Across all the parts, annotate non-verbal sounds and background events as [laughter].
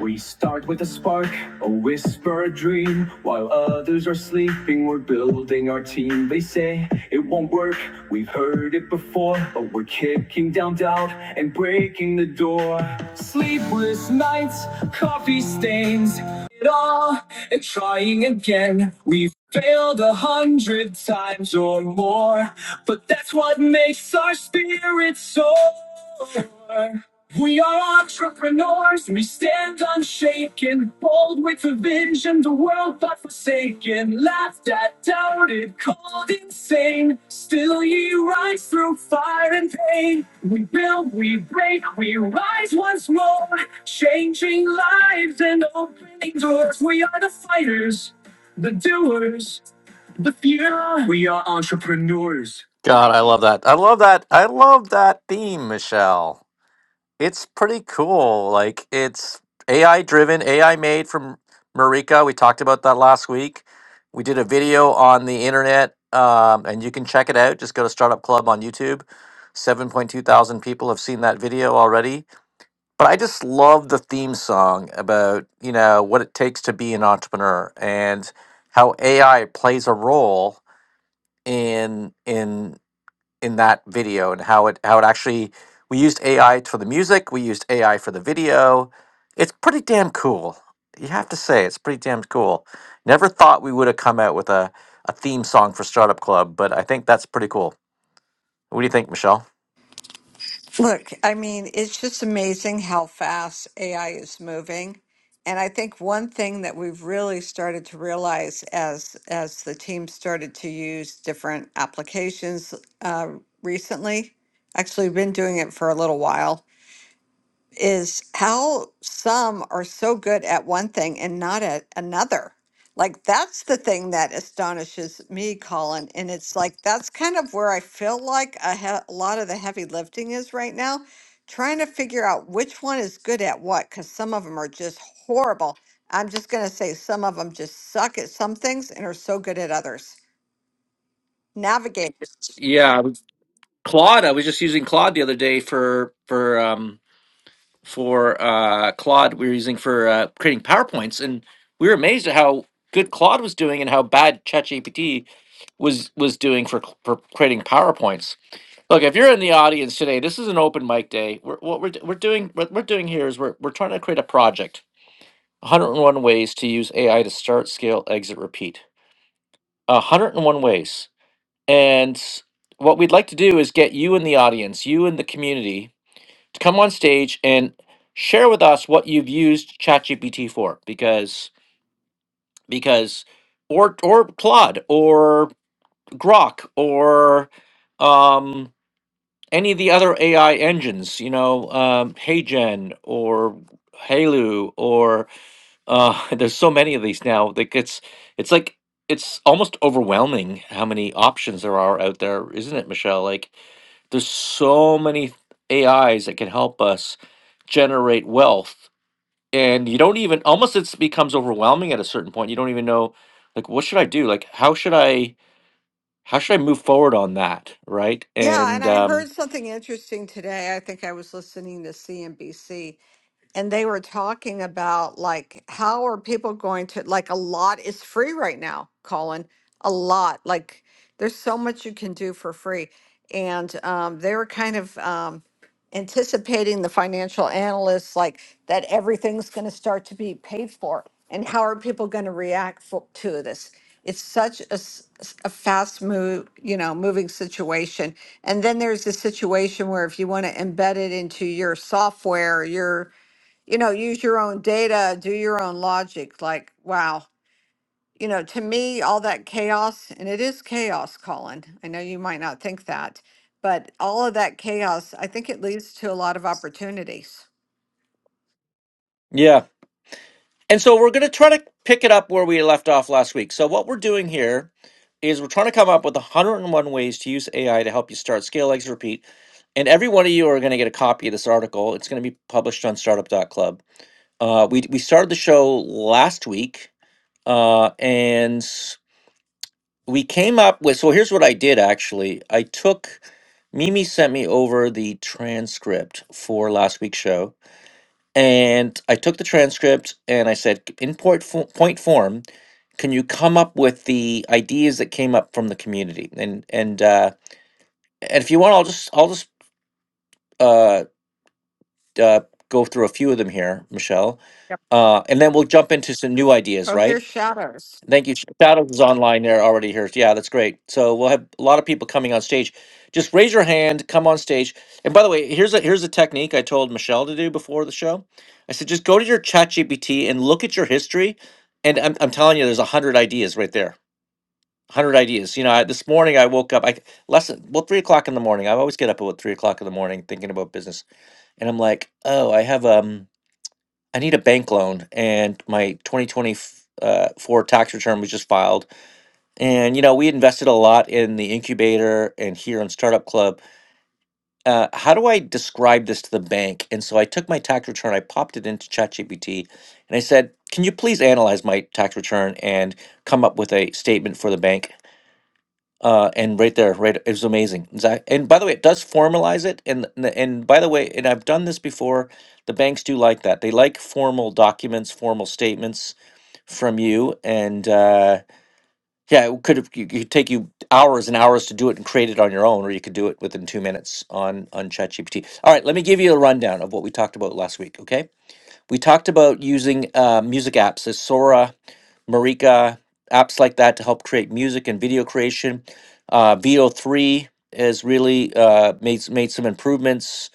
We start with a spark, a whisper, a dream. While others are sleeping, we're building our team. They say it won't work, we've heard it before, but we're kicking down doubt and breaking the door. Sleepless nights, coffee stains, it all, and trying again. We've failed a hundred times or more, but that's what makes our spirits soar. We are entrepreneurs, we stand unshaken, bold with a vision, the world but forsaken, laughed at, doubted, called insane. Still ye rise through fire and pain. We build, we break, we rise once more, changing lives and opening doors. We are the fighters, the doers, the few. We are entrepreneurs. God, I love that. I love that. I love that theme, Michelle. It's pretty cool. Like it's AI driven, AI made from Marika. We talked about that last week. We did a video on the internet, um, and you can check it out. Just go to Startup Club on YouTube. 7.2 thousand people have seen that video already. But I just love the theme song about, you know, what it takes to be an entrepreneur and how AI plays a role in in in that video and how it how it actually we used AI for the music, we used AI for the video. It's pretty damn cool. You have to say it's pretty damn cool. Never thought we would have come out with a, a theme song for Startup Club, but I think that's pretty cool. What do you think, Michelle? Look, I mean, it's just amazing how fast AI is moving. And I think one thing that we've really started to realize as as the team started to use different applications uh, recently, actually we've been doing it for a little while, is how some are so good at one thing and not at another. Like that's the thing that astonishes me, Colin. And it's like that's kind of where I feel like a, he- a lot of the heavy lifting is right now, trying to figure out which one is good at what, because some of them are just horrible. I'm just going to say some of them just suck at some things and are so good at others. Navigate. Yeah, Claude, I was just using Claude the other day for for um for uh Claude we were using for uh creating PowerPoints and we were amazed at how good Claude was doing and how bad ChatGPT was was doing for for creating PowerPoints. Look, if you're in the audience today, this is an open mic day. We're, what we're d- we're doing what we're doing here is we're we're trying to create a project. 101 ways to use AI to start, scale, exit, repeat. 101 ways. And what we'd like to do is get you in the audience, you in the community to come on stage and share with us what you've used ChatGPT for because because or or Claude or Grok or um any of the other AI engines, you know, um HeyGen or Halu or uh [laughs] there's so many of these now. Like it's it's like it's almost overwhelming how many options there are out there, isn't it, Michelle? Like there's so many AIs that can help us generate wealth. And you don't even almost it becomes overwhelming at a certain point. You don't even know like what should I do? Like how should I how should I move forward on that? Right. Yeah, and And I heard um something interesting today. I think I was listening to CNBC and they were talking about like how are people going to like a lot is free right now colin a lot like there's so much you can do for free and um, they were kind of um, anticipating the financial analysts like that everything's going to start to be paid for and how are people going to react fo- to this it's such a, s- s- a fast move you know moving situation and then there's the situation where if you want to embed it into your software your you know, use your own data, do your own logic. Like, wow, you know, to me, all that chaos, and it is chaos, Colin. I know you might not think that, but all of that chaos, I think it leads to a lot of opportunities. yeah. And so we're gonna try to pick it up where we left off last week. So what we're doing here is we're trying to come up with 101 ways to use AI to help you start, scale, exit, repeat. And every one of you are going to get a copy of this article. It's going to be published on Startup dot Club. Uh, we we started the show last week, uh, and we came up with. So here's what I did actually. I took Mimi sent me over the transcript for last week's show, and I took the transcript and I said, in point fo- point form, can you come up with the ideas that came up from the community? And and uh, and if you want, I'll just I'll just uh, uh, go through a few of them here, Michelle, Yep. uh, and then we'll jump into some new ideas, Oh, right? here's shadows. Thank you. Shadows is online there already here. Yeah, that's great. So we'll have a lot of people coming on stage. Just raise your hand, come on stage. And by the way, here's a here's a technique I told Michelle to do before the show. I said just go to your chat GPT and look at your history. And I'm, I'm telling you, there's a hundred ideas right there. Hundred ideas. You know, I, this morning I woke up. I less than- well three o'clock in the morning. I always get up at three o'clock in the morning thinking about business. And I'm like, oh, I have um, I need a bank loan, and my 2024 tax return was just filed and you know, we invested a lot in the incubator and here on Startup Club. Uh, how do I describe this to the bank? And so I took my tax return, I popped it into ChatGPT, and I said, "Can you please analyze my tax return and come up with a statement for the bank?" Uh, and right there, right, it was amazing. Exact- And by the way, it does formalize it. And and and by the way, and I've done this before. The banks do like that. They like formal documents, formal statements from you, and. Uh, yeah, it could have you could take you hours and hours to do it and create it on your own, or you could do it within two minutes on on ChatGPT. All right, let me give you a rundown of what we talked about last week. Okay, we talked about using uh, music apps, the Sora, Marika, apps like that to help create music and video creation. Uh, VO3 has really uh, made s- made some improvements.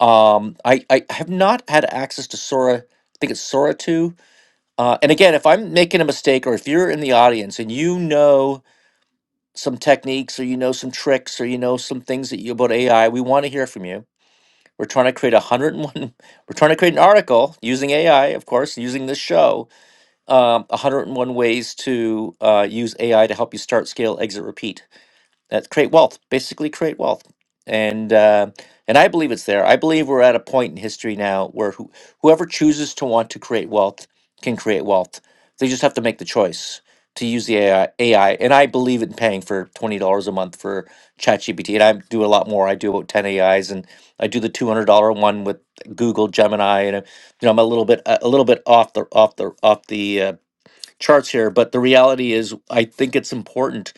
Um, I I have not had access to Sora. I think it's Sora two. Uh, and again, if I'm making a mistake, or if you're in the audience and you know some techniques or you know some tricks or you know some things that you about AI, we want to hear from you. We're trying to create a 101 [laughs] we're trying to create an article using AI, of course, using this show, um, 101 ways to uh, use AI to help you start, scale, exit, repeat. That's create wealth, basically create wealth. And uh, and I believe it's there. I believe we're at a point in history now where who, whoever chooses to want to create wealth can create wealth. They just have to make the choice to use the AI. AI. And I believe in paying for twenty dollars a month for ChatGPT. And I do a lot more. I do about ten AIs, and I do the two hundred dollar one with Google Gemini. And uh, you know, I'm a little bit a little bit off the off the off the uh, charts here. But the reality is, I think it's important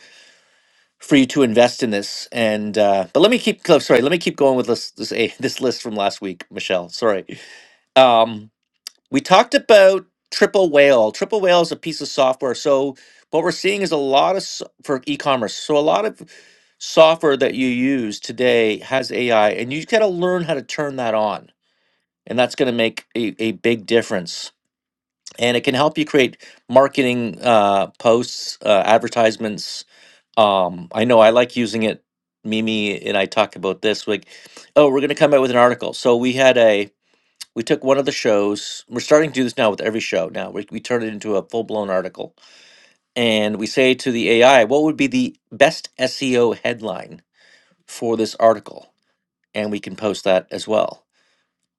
for you to invest in this. And uh, but let me keep oh, sorry, let me keep going with this this a [laughs] this list from last week, Michelle. Sorry. Um, we talked about Triple Whale. Triple Whale is a piece of software. So what we're seeing is a lot of s- for e-commerce. So a lot of software that you use today has AI, and you got to learn how to turn that on, and that's going to make a, a big difference. And it can help you create marketing uh, posts, uh, advertisements, um i know i like using it mimi and i talk about this like oh we're going to come out with an article so we had a we took one of the shows we're starting to do this now with every show now we, we turn it into a full-blown article and we say to the ai what would be the best seo headline for this article and we can post that as well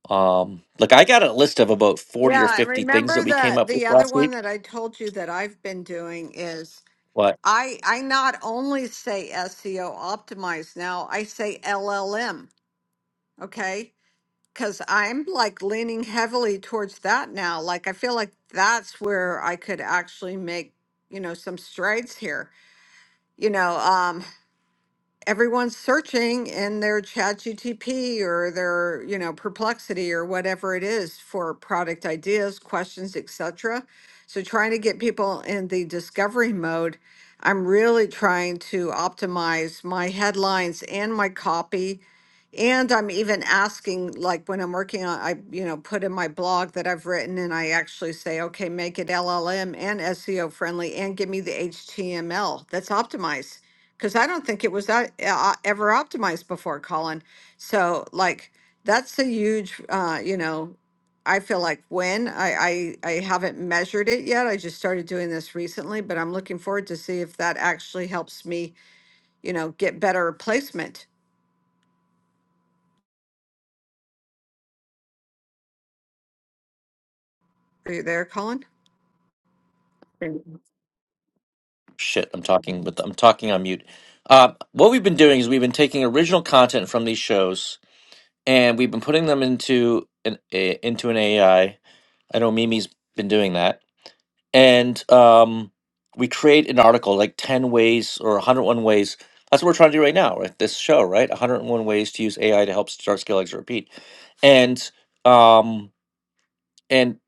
um like i got a list of about 40 or Yeah, and 50 things that remember we came that up with the other last one week that I told you that I've been doing is I I not only say SEO optimized now, I say LLM. Okay. Because I'm like leaning heavily towards that now. Like, I feel like that's where I could actually make, you know, some strides here. You know, um, everyone's searching in their ChatGTP or their you know perplexity or whatever it is for product ideas questions etc so trying to get people in the discovery mode i'm really trying to optimize my headlines and my copy and i'm even asking like when i'm working on i you know put in my blog that i've written and i actually say okay make it llm and seo friendly and give me the html that's optimized because I don't think it was that uh, ever optimized before, Colin. So like that's a huge, uh, you know, I feel like win. I, I I haven't measured it yet. I just started doing this recently, but I'm looking forward to see if that actually helps me, you know, get better placement. Are you there, Colin? shit i'm talking with i'm talking on mute uh, what we've been doing is we've been taking original content from these shows and we've been putting them into an a, into an ai i I know mimi's been doing that and um, we create an article like 10 ways or 101 ways that's what we're trying to do right now right this show right 101 ways to use ai to help start scale exit repeat and um and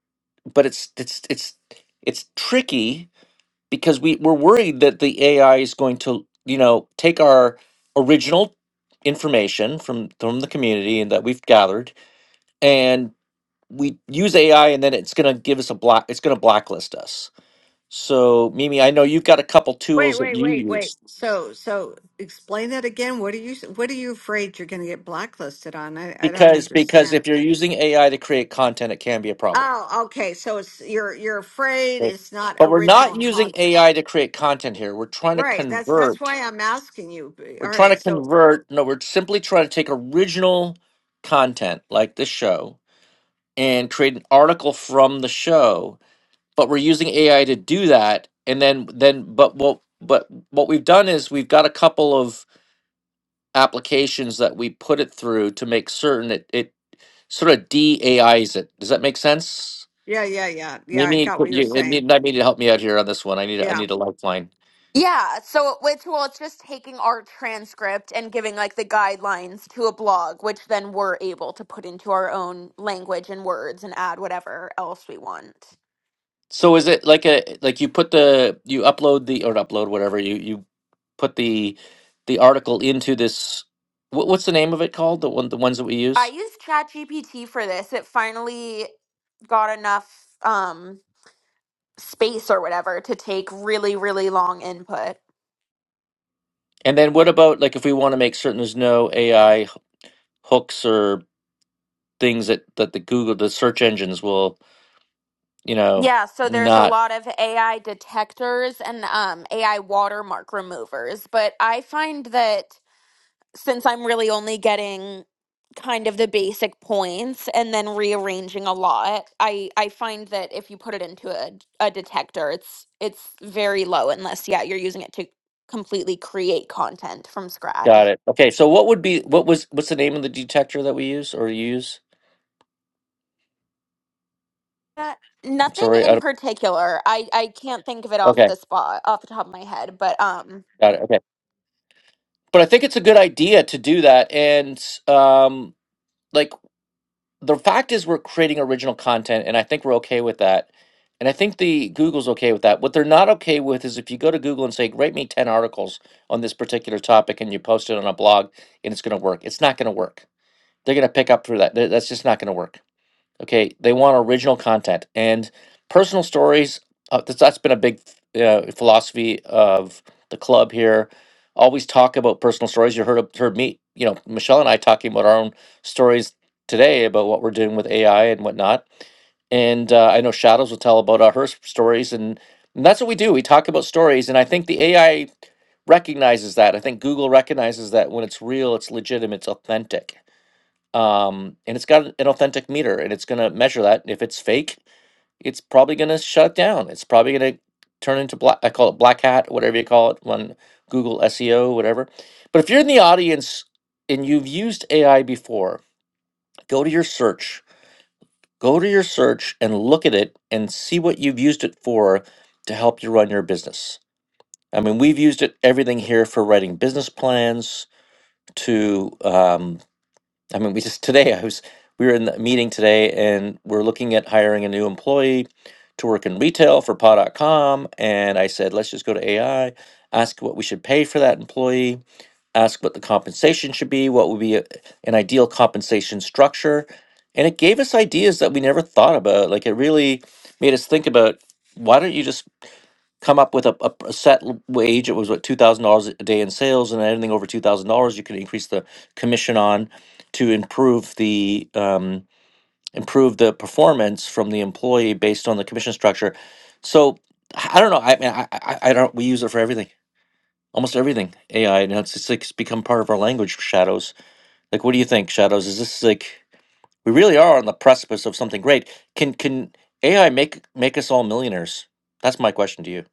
but it's it's it's it's tricky because we, we're worried that the AI is going to, you know, take our original information from from the community and that we've gathered, and we use AI, and then it's going to give us a black. It's going to blacklist us. So, Mimi, I know you've got a couple Wait, tools that wait, you wait, wait. use So so explain that again. What are you what are you afraid you're going to get blacklisted on? I I don't because because understand. if you're using AI to create content, it can be a problem. Oh, okay. So it's you're you're afraid Right. it's not But we're not original using content. AI to create content here. We're trying to Right. That's that's convert why I'm asking you. B- We're All trying to right. So convert, no, we're simply trying to take original content like this show and create an article from the show, but we're using AI to do that. And then, then, but what, but what we've done is we've got a couple of applications that we put it through to make certain it, it sort of de I's it. Does that make sense? yeah, yeah, yeah, yeah. I Mimi, got what you're you, I saying. need, I need you to help me out here on this one. I need, a- I Yeah. need a lifeline. Yeah, so which well, it's just taking our transcript and giving like the guidelines to a blog, which then we're able to put into our own language and words and add whatever else we want. So is it like a like you put the you upload the or upload whatever you you put the the article into this what, what's the name of it called the one the ones that we I use used ChatGPT for this. It finally got enough um, space or whatever to take really, really long input. and then what about like if we want to make certain there's no AI hooks or things that that the Google the search engines will you know Yeah, so there's a not lot of AI detectors and um, AI watermark removers, but I find that since I'm really only getting kind of the basic points and then rearranging a lot, I I find that if you put it into a, a detector, it's it's very low unless yeah, you're using it to completely create content from got scratch. it okay so what would be what was what's the name of the detector that we use or you use Uh, I'm Nothing sorry I in don't, particular. I I can't think of it off okay the spot off the top of my head, but um got it okay but I think it's a good idea to do that and um. like. the fact is we're creating original content and i think we're okay with that and i think the google's okay with that what they're not okay with is if you go to google and say rate me 10 articles on this particular topic and you post it on a blog and it's going to work it's not going to work they're going to pick up for that Th- that's just not going to work Okay, they want original content and personal stories. Uh, that's, that's been a big uh, philosophy of the club here. Always talk about personal stories. You heard heard me, you know, Michelle and I talking about our own stories today about what we're doing with AI and whatnot. And uh, I know Shadows will tell about uh, her s- stories, and, and that's what we do. We talk about stories, and I think the AI recognizes that. I think Google recognizes that when it's real, it's legitimate, it's authentic um, and it's got an an authentic meter and it's going to measure that. If it's fake, it's probably going to shut down. It's probably going to turn into black. I call it black hat, whatever you call it, on Google SEO, whatever. But if you're in the audience and you've used AI before, go to your search, go to your search and look at it and see what you've used it for to help you run your business. I mean, we've used it everything here for writing business plans to um. I mean, we just today I was we were in the meeting today and we're looking at hiring a new employee to work in retail for paw.com and I said, let's just go to AI, ask what we should pay for that employee, ask what the compensation should be, what would be a, an ideal compensation structure. And it gave us ideas that we never thought about. Like it really made us think about why don't you just come up with a, a, a set l- wage. It was what two thousand dollars a day in sales, and anything over two thousand dollars, you could increase the commission on to improve the um, improve the performance from the employee based on the commission structure. So I don't know. I mean, I, I I don't. We use it for everything, almost everything. AI, now it's it's like it's become part of our language. Shadows. Like, what do you think, Shadows? Is this like we really are on the precipice of something great? Can can AI make make us all millionaires? That's my question to you.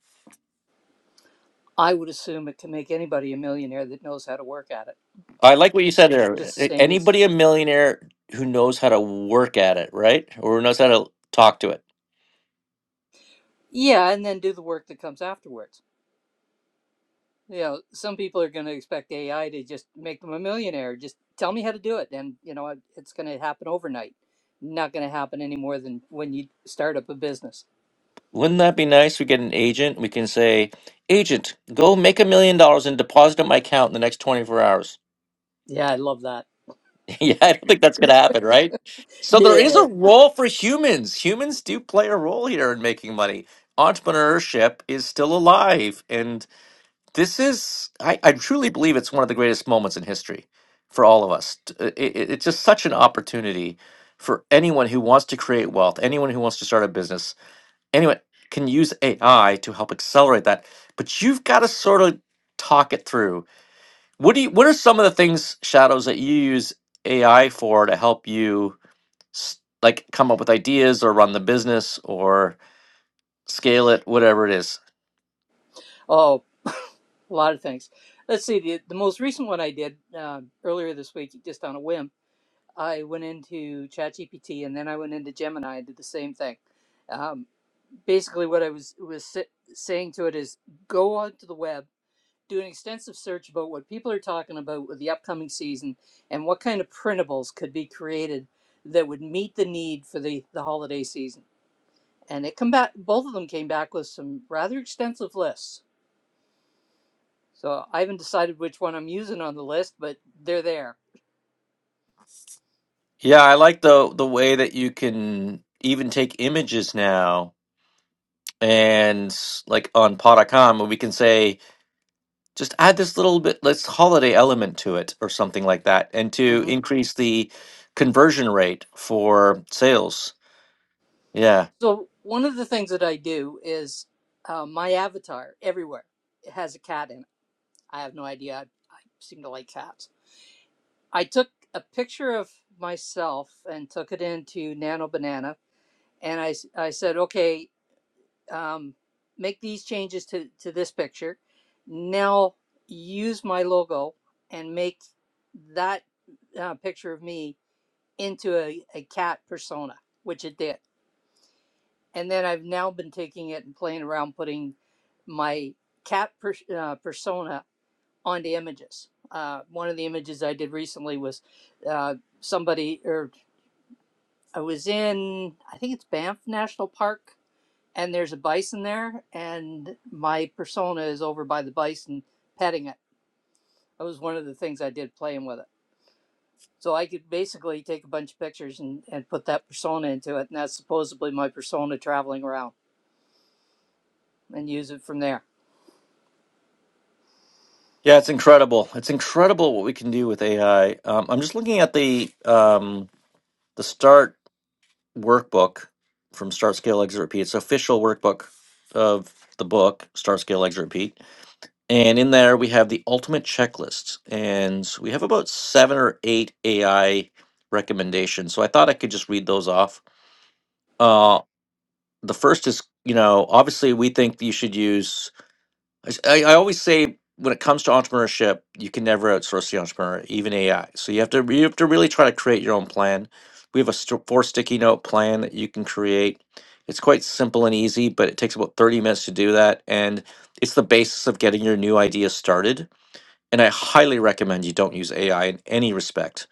I would assume it can make anybody a millionaire that knows how to work at it. I like what you said there. Just the A- same as, Anybody a millionaire who knows how to work at it, right? Or who knows how to talk to it. yeah, and then do the work that comes afterwards. You know, some people are going to expect AI to just make them a millionaire. Just tell me how to do it, and you know, it- it's going to happen overnight. Not going to happen any more than when you start up a business. Wouldn't that be nice? We get an agent. We can say, Agent, go make a million dollars and deposit it in my account in the next 24 hours. Yeah, I love that. [laughs] yeah, I don't think that's going to happen, right? So there is Yeah. a role for humans. Humans do play a role here in making money. Entrepreneurship is still alive and. this is I, I truly believe it's one of the greatest moments in history for all of us T- uh, it, it- it's just such an opportunity for anyone who wants to create wealth anyone who wants to start a business anyone can use ai to help accelerate that but you've got to sort of talk it through what do you what are some of the things shadows that you use ai for to help you s- like come up with ideas or run the business or scale it whatever it is Oh, a lot of things. Let's see. The the most recent one I did um earlier this week, just on a whim, I went into ChatGPT, and then I went into Gemini and did the same thing. Um, basically what I was was sa- saying to it is go onto the web, do an extensive search about what people are talking about with the upcoming season and what kind of printables could be created that would meet the need for the the holiday season. And it come back both of them came back with some rather extensive lists. So I haven't decided which one I'm using on the list, but they're there. Yeah, I like the the way that you can even take images now and s- like on Podicom where we can say just add this little bit let's holiday element to it or something like that and to hmm increase the conversion rate for sales. Yeah. So one of the things that I do is uh, my avatar everywhere it has a cat in it. I have no idea. I, I seem to like cats I took a picture of myself and took it into Nano Banana, and I I said, okay, um, make these changes to, to this picture. Now use my logo and make that uh, picture of me into a, a cat persona, which it did. And then I've now been taking it and playing around putting my cat per, uh, persona onto images. Uh, one of the images I did recently was uh, somebody or I was in, I think it's Banff National Park, and there's a bison there, and my persona is over by the bison petting it. That was one of the things I did playing with it. So I could basically take a bunch of pictures and, and put that persona into it, and that's supposedly my persona traveling around and use it from there. Yeah, it's incredible. It's incredible what we can do with AI. Um, I'm just looking at the um, the Start workbook from Start Scale Exit Repeat. It's official workbook of the book Start Scale Exit Repeat And in there, we have the ultimate checklist. And we have about seven or eight AI recommendations. So I thought I could just read those off. Uh, the first is, you know, obviously, we think you should use, I, s- I- I always say, when it comes to entrepreneurship, you can never outsource the entrepreneur, even AI. So you have to you have to really try to create your own plan. We have a st- four sticky note plan that you can create. It's quite simple and easy, but it takes about 30 minutes to do that. And it's the basis of getting your new idea started and I highly recommend you don't use AI in any respect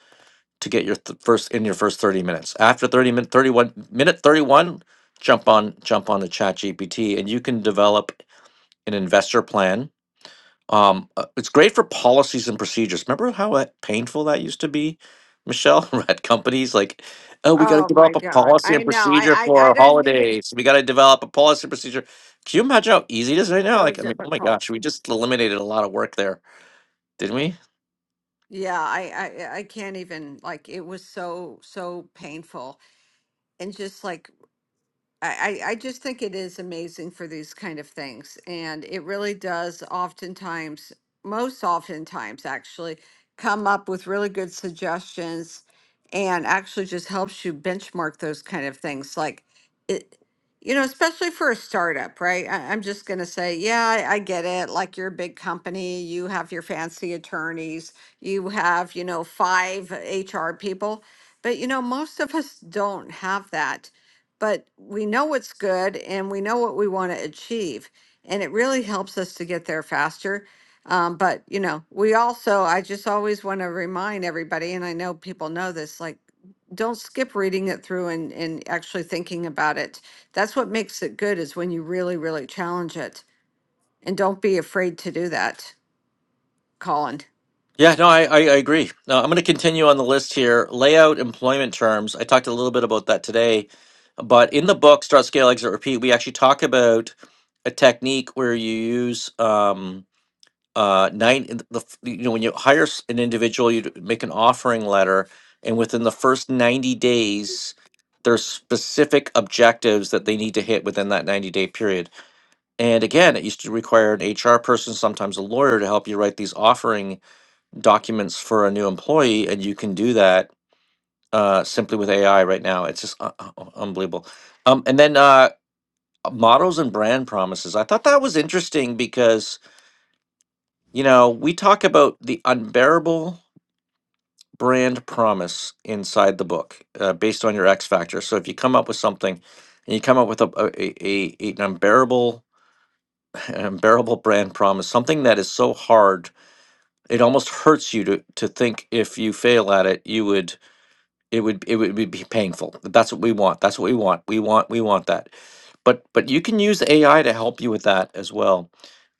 to get your th- first in your first 30 minutes. After 30 minute 31 minute 31, jump on jump on to ChatGPT, and you can develop an investor plan. Um, uh, it's great for policies and procedures. Remember how uh, painful that used to be, Michelle? [laughs] At companies like, oh, we got to Oh my develop a God. policy I and know. procedure I for I I our didn't even. holidays. We got to develop a policy and procedure. Can you imagine how easy it is right now? So Like, I mean, oh my gosh, difficult. we just eliminated a lot of work there did we? Yeah. I I I can't even. Like it was so so painful and just like I, I I just think it is amazing for these kind of things. And it really does oftentimes, most oftentimes actually, come up with really good suggestions and actually just helps you benchmark those kind of things. Like it, you know, especially for a startup, right? I, I'm just going to say, yeah, I, I get it. Like you're a big company, you have your fancy attorneys, you have, you know, five HR people. But, you know, most of us don't have that but we know what's good and we know what we want to achieve. And it really helps us to get there faster. Um, but, you know, we also, I just always want to remind everybody, and I know people know this, like, don't skip reading it through and, and actually thinking about it. That's what makes it good is when you really, really challenge it. And don't be afraid to do that, Colin. Yeah, no, I, I, I agree. No, I'm going to continue on the list here. Layout employment terms. I talked a little bit about that today, but in the book, Start, Scale, Exit, Repeat, we actually talk about a technique where you use. Um, uh, nine, in the, f- you know, when you hire s- an individual, you d- make an offering letter, and within the first 90 days, there's specific objectives that they need to hit within that 90 day period. And again, it used to require an HR person, sometimes a lawyer, to help you write these offering documents for a new employee, and you can do that uh, simply with AI right now. It's just uh, uh, uh, unbelievable. Um, and then uh, models and brand promises. I thought that was interesting because you know, we talk about the unbearable brand promise inside the book uh, based on your X factor. So if you come up with something and you come up with a, a, a, a- an unbearable [laughs] an unbearable brand promise, something that is so hard, it almost hurts you to to think if you fail at it, you would it would it would be be painful. That's what we want. That's what we want. We want we want that. But but you can use AI to help you with that as well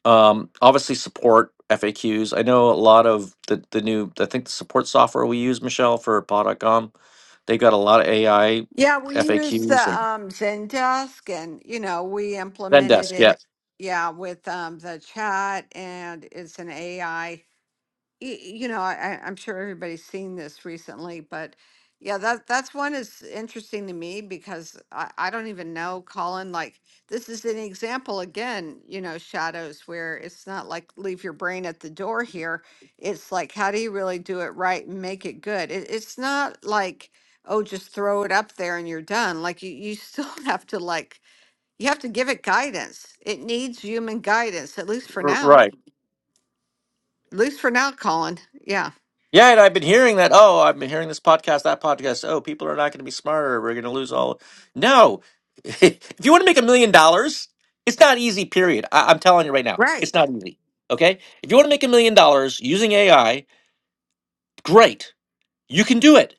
um, obviously support FAQs. I know a lot of the, the new, I think the support software we use, Michelle, for paw dot com, they got a lot of AI Yeah, we used the FAQs and um, Zendesk and, you know, we implemented Zendesk. Yeah, it. Yeah, with um, the chat and it's an AI y- you know, I, I- I'm sure everybody's seen this recently, but yeah, that that's one is interesting to me because I, I don't even know, Colin, like this is an example again, you know, shadows where it's not like leave your brain at the door here. It's like, how do you really do it right and make it good? It, it's not like, oh, just throw it up there and you're done. Like you, you still [laughs] have to like, you have to give it guidance. It needs human guidance, at least for r- now, right. at least for now, Colin. Yeah. Yeah, and I've been hearing that. Oh, I've been hearing this podcast, that podcast. Oh, people are not going to be smarter. We're going to lose all. No, [laughs] if you want to make a million dollars, it's not easy. Period. I- I'm telling you right now, Right. it's not easy. Okay, if you want to make a million dollars using AI, great, you can do it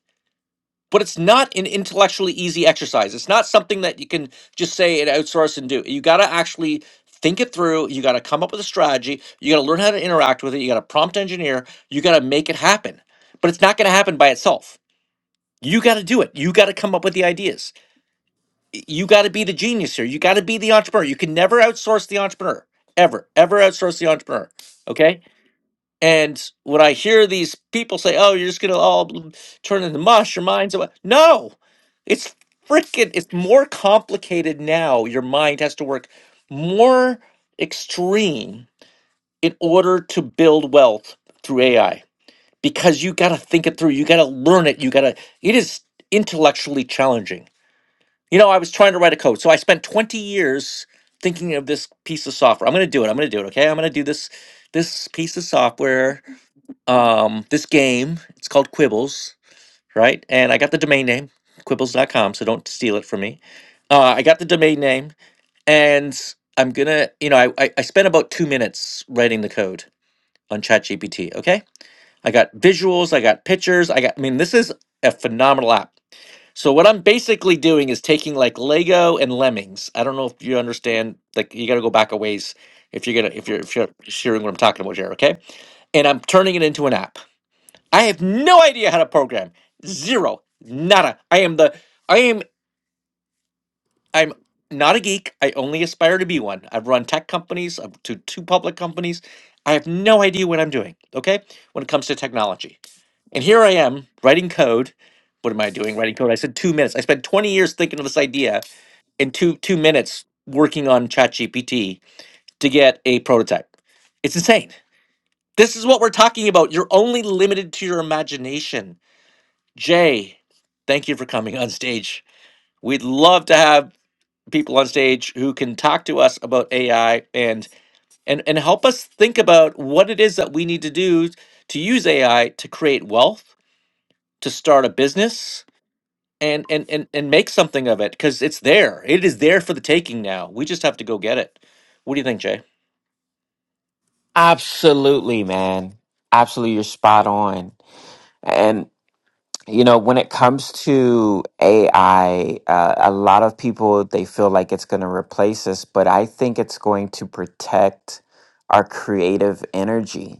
but it's not an intellectually easy exercise. It's not something that you can just say and outsource and do. You got to actually think it through. You got to come up with a strategy. You got to learn how to interact with it. You got to prompt engineer. You got to make it happen. But it's not going to happen by itself. You got to do it. You got to come up with the ideas. Y- You got to be the genius here. You got to be the entrepreneur. You can never outsource the entrepreneur. Ever, ever outsource the entrepreneur. Okay and when I hear these people say, "Oh, you're just gonna all bl- turn into mush, your mind's away," no, it's freaking. It's more complicated now. Your mind has to work more extreme in order to build wealth through AI because you got to think it through. You got to learn it. You got to. It is intellectually challenging. You know, I was trying to write a code, so I spent 20 years thinking of this piece of software. I'm gonna do it. I'm gonna do it. Okay, I'm gonna do this this piece of software um, this game. It's called Quibbles, right? And I got the domain name, quibbles.com, so don't steal it from me. Uh, I got the domain name, and I'm gonna, you know, I, I, I spent about two minutes writing the code on ChatGPT, okay? I got visuals, I got pictures, I got, I mean, this is a phenomenal app. So what I'm basically doing is taking like Lego and Lemmings. I don't know if you understand, like you got to go back a ways if you're gonna if you're if you're hearing what I'm talking about here, okay? And I'm turning it into an app. I have no idea how to program. Zero. Nada. I am the I am I'm not a geek. I only aspire to be one. I've run tech companies up to two public companies. I have no idea what I'm doing, okay? When it comes to technology. And here I am writing code. What am I doing writing code? I said 2 minutes. I spent 20 years thinking of this idea in 2 2 minutes working on ChatGPT to get a prototype. It's insane. This is what we're talking about. You're only limited to your imagination Jay, thank you for coming on stage. We'd love to have people on stage who can talk to us about AI and and and help us think about what it is that we need to do to use AI to create wealth, to start a business, and and and, and make something of it because it's there. It is there for the taking now. We just have to go get it. What do you think, Jay? Absolutely, man. Absolutely, you're spot on. And you know, when it comes to AI, uh, a lot of people they feel like it's going to replace us, but I think it's going to protect our creative energy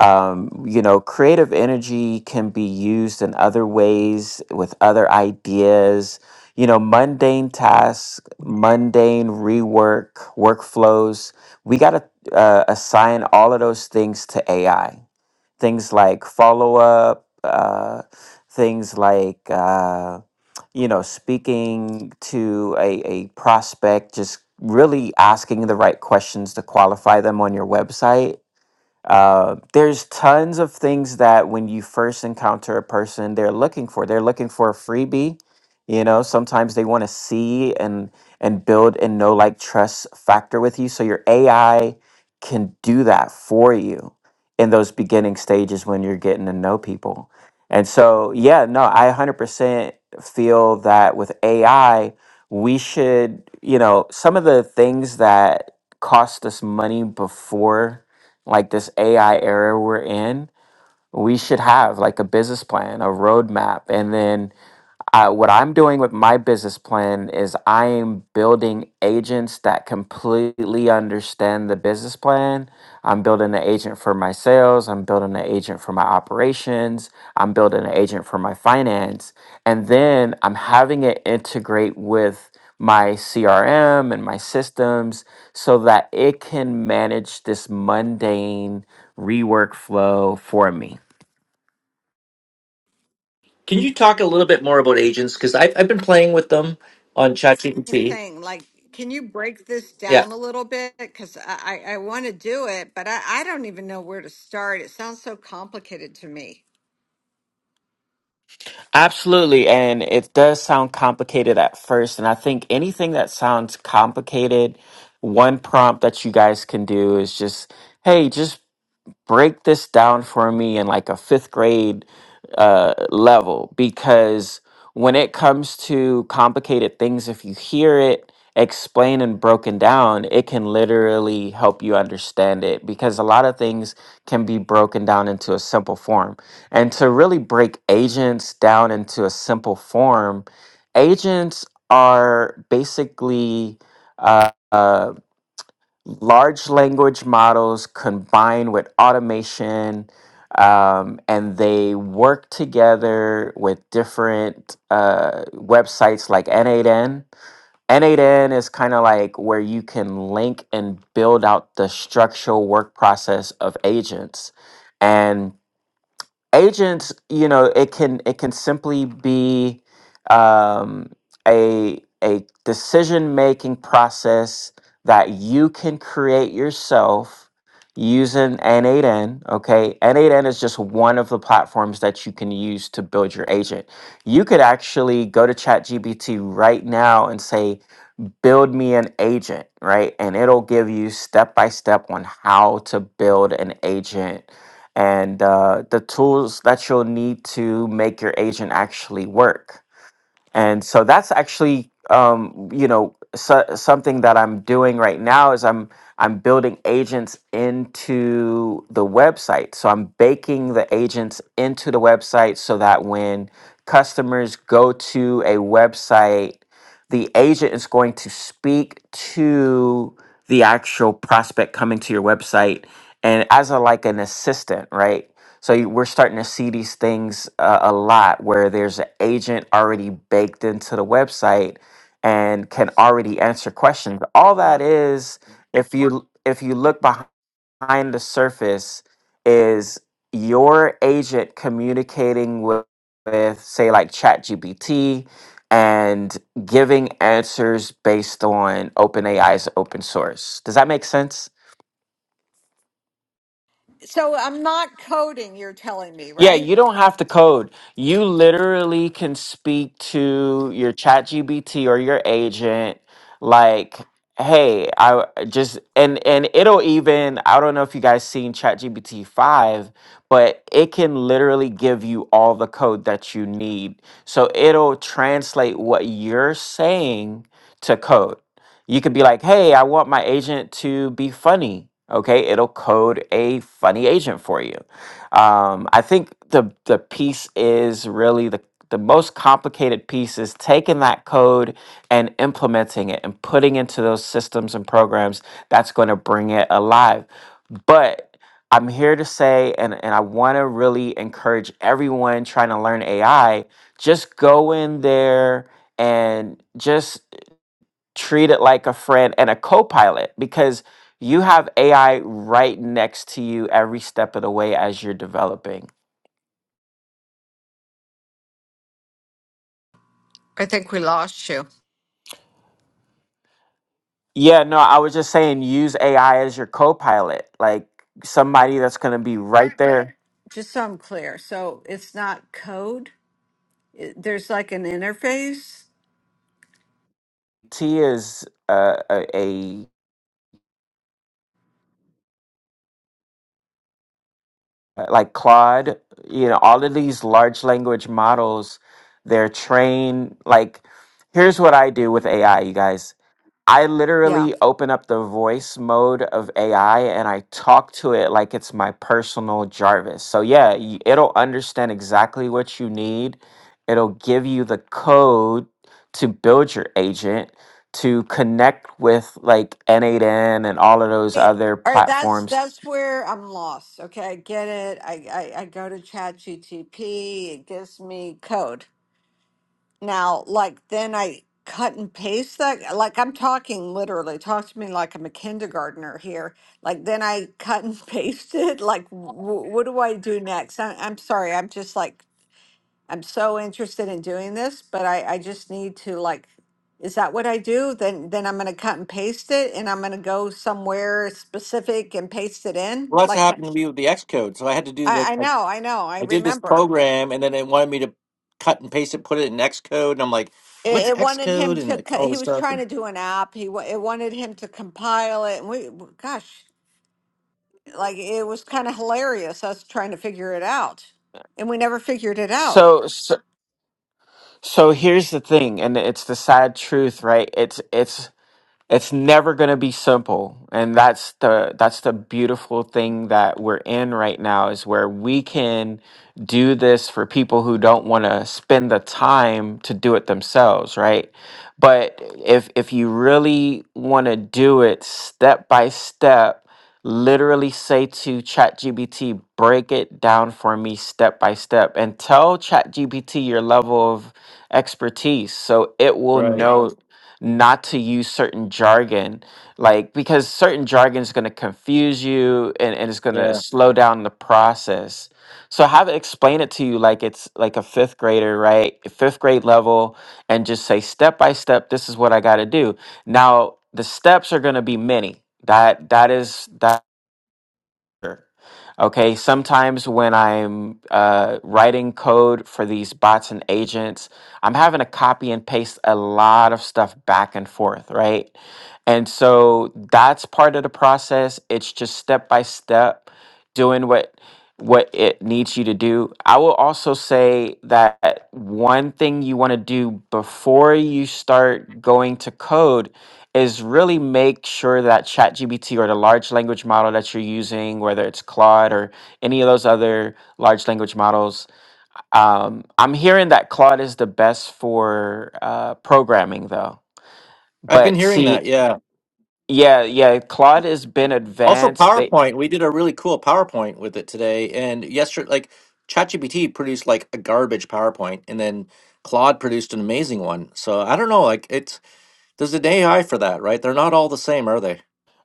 um, you know, creative energy can be used in other ways with other ideas. You know, mundane tasks, mundane rework, workflows. We got to uh, assign all of those things to AI. Things like follow up, uh, things like, uh, you know, speaking to a, a prospect, just really asking the right questions to qualify them on your website uh, there's tons of things that when you first encounter a person, they're looking for. They're looking for a freebie. You know, sometimes they want to see and and build and know like trust factor with you. So your AI can do that for you in those beginning stages when you're getting to know people. And so, yeah, no, I 100% feel that with AI, we should, you know, some of the things that cost us money before like this AI era we're in we should have like a business plan, a roadmap, and then uh, what I'm doing with my business plan is I am building agents that completely understand the business plan. I'm building an agent for my sales. I'm building an agent for my operations. I'm building an agent for my finance. And then I'm having it integrate with my CRM and my systems so that it can manage this mundane rework flow for me. Can you talk a little bit more about agents? Because I've I've been playing with them on I'm ChatGPT. saying, like, can you break this Yeah. down a little bit? Because I, I, I want to do it, but I, I don't even know where to start. It sounds so complicated to me. Absolutely. And it does sound complicated at first. And I think anything that sounds complicated, one prompt that you guys can do is just, hey, just break this down for me in like a fifth grade uh, level because when it comes to complicated things, if you hear it explained and broken down, it can literally help you understand it because a lot of things can be broken down into a simple form. And to really break agents down into a simple form, agents are basically. Uh, uh, large language models combine with automation um, and they work together with different uh, websites like n8n n8n is kind of like where you can link and build out the structural work process of agents and agents you know it can it can simply be um, a a decision making process that you can create yourself using n8n okay n8n is just one of the platforms that you can use to build your agent you could actually go to chatgpt right now and say build me an agent, right? And it'll give you step by step on how to build an agent and uh, the tools that you'll need to make your agent actually work and so that's actually um, you know so, something that i'm doing right now is i'm i'm building agents into the website so i'm baking the agents into the website so that when customers go to a website the agent is going to speak to the actual prospect coming to your website and as a like an assistant right so you- we're starting to see these things uh, a lot where there's an agent already baked into the website and can already answer questions. All that is, if you if you look behind the surface, is your agent communicating with, with say like ChatGPT and giving answers based on OpenAI's open source. Does that make sense? So I'm not coding, you're telling me, Yeah, right? you don't have to code. You literally can speak to your chat GBT or your agent like, hey, I just and and it'll even I don't know if you guys seen chat GBT 5, but it can literally give you all the code that you need. So it'll translate what you're saying to code. You could be like, hey, I want my agent to be funny. Okay, it'll code a funny agent for you. Um, I think the the piece is really the the most complicated piece is taking that code and implementing it and putting into those systems and programs that's going to bring it alive. But I'm here to say, and, and I want to really encourage everyone trying to learn AI, just go in there and just treat it like a friend and a co-pilot because you have AI right next to you every step of the way as you're developing. I think we lost you. Yeah, no, I was just saying use AI as your co-pilot, like somebody that's going to be right there. Just so I'm clear. So it's not code. It, there's like an interface. T is uh, a, a like Claude, you know, all of these large language models, they're trained like here's what I do with AI, you guys I Yeah. literally open up the voice mode of AI and I talk to it like it's my personal Jarvis. So, yeah, y- it'll understand exactly what you need. It'll give you the code to build your agent to connect with like N8N and all of those Hey, other All right, that's platforms. that's where I'm lost. Okay, I get it. I I, I go to Chat GTP. It gives me code. Now, like then I cut and paste that. Like I'm talking literally, talk to me like I'm a kindergartner here. Like then I cut and [laughs] paste it. Like w what do I do next? I I'm sorry. I'm just like I'm so interested in doing this, but I I just need to like is that what I do? Then then I'm gonna cut and paste it, and I'm gonna go somewhere specific and paste it Well, in. that's Like happened I to me with the Xcode. So I had to do like I know, I know, I I did this remember. program, and then they wanted me to cut and paste it, put it in Xcode, and I'm like, It, "What's it wanted him Xcode?" and to. like, co- all He this was stuff. trying And, to do an app. He wa- it wanted him to compile it, and we, gosh, like it was kind of hilarious us trying to figure it out, and we never figured it out. So, so, so here's the thing, and it's the sad truth, right? It's, it's, it's never going to be simple and that's the that's the beautiful thing that we're in right now is where we can do this for people who don't want to spend the time to do it themselves right but if if you really want to do it step by step literally say to ChatGPT, break it down for me step by step and tell ChatGPT your level of expertise so it will right? know not to use certain jargon like because certain jargon is going to confuse you and, and it's going to Yeah, slow down the process so have it explain it to you like it's like a fifth grader right fifth grade level and just say step by step this is what i got to do now, the steps are going to be many. That that is that. Okay, sometimes when I'm uh, writing code for these bots and agents, I'm having to copy and paste a lot of stuff back and forth, right? And so that's part of the process. It's just step by step doing what what it needs you to do. I will also say that one thing you want to do before you start going to code is really make sure that ChatGPT or the large language model that you're using, whether it's Claude or any of those other large language models, um, I'm hearing that Claude is the best for uh, programming, though. I've been But hearing see, that. Yeah. yeah, yeah, Claude has been Also, advanced. PowerPoint. We did a really cool PowerPoint with it today, and yesterday, like ChatGPT produced like a garbage PowerPoint, and then Claude produced an amazing one. So I don't know. Like, it's there's an AI for that, right? They're not all the same, are they?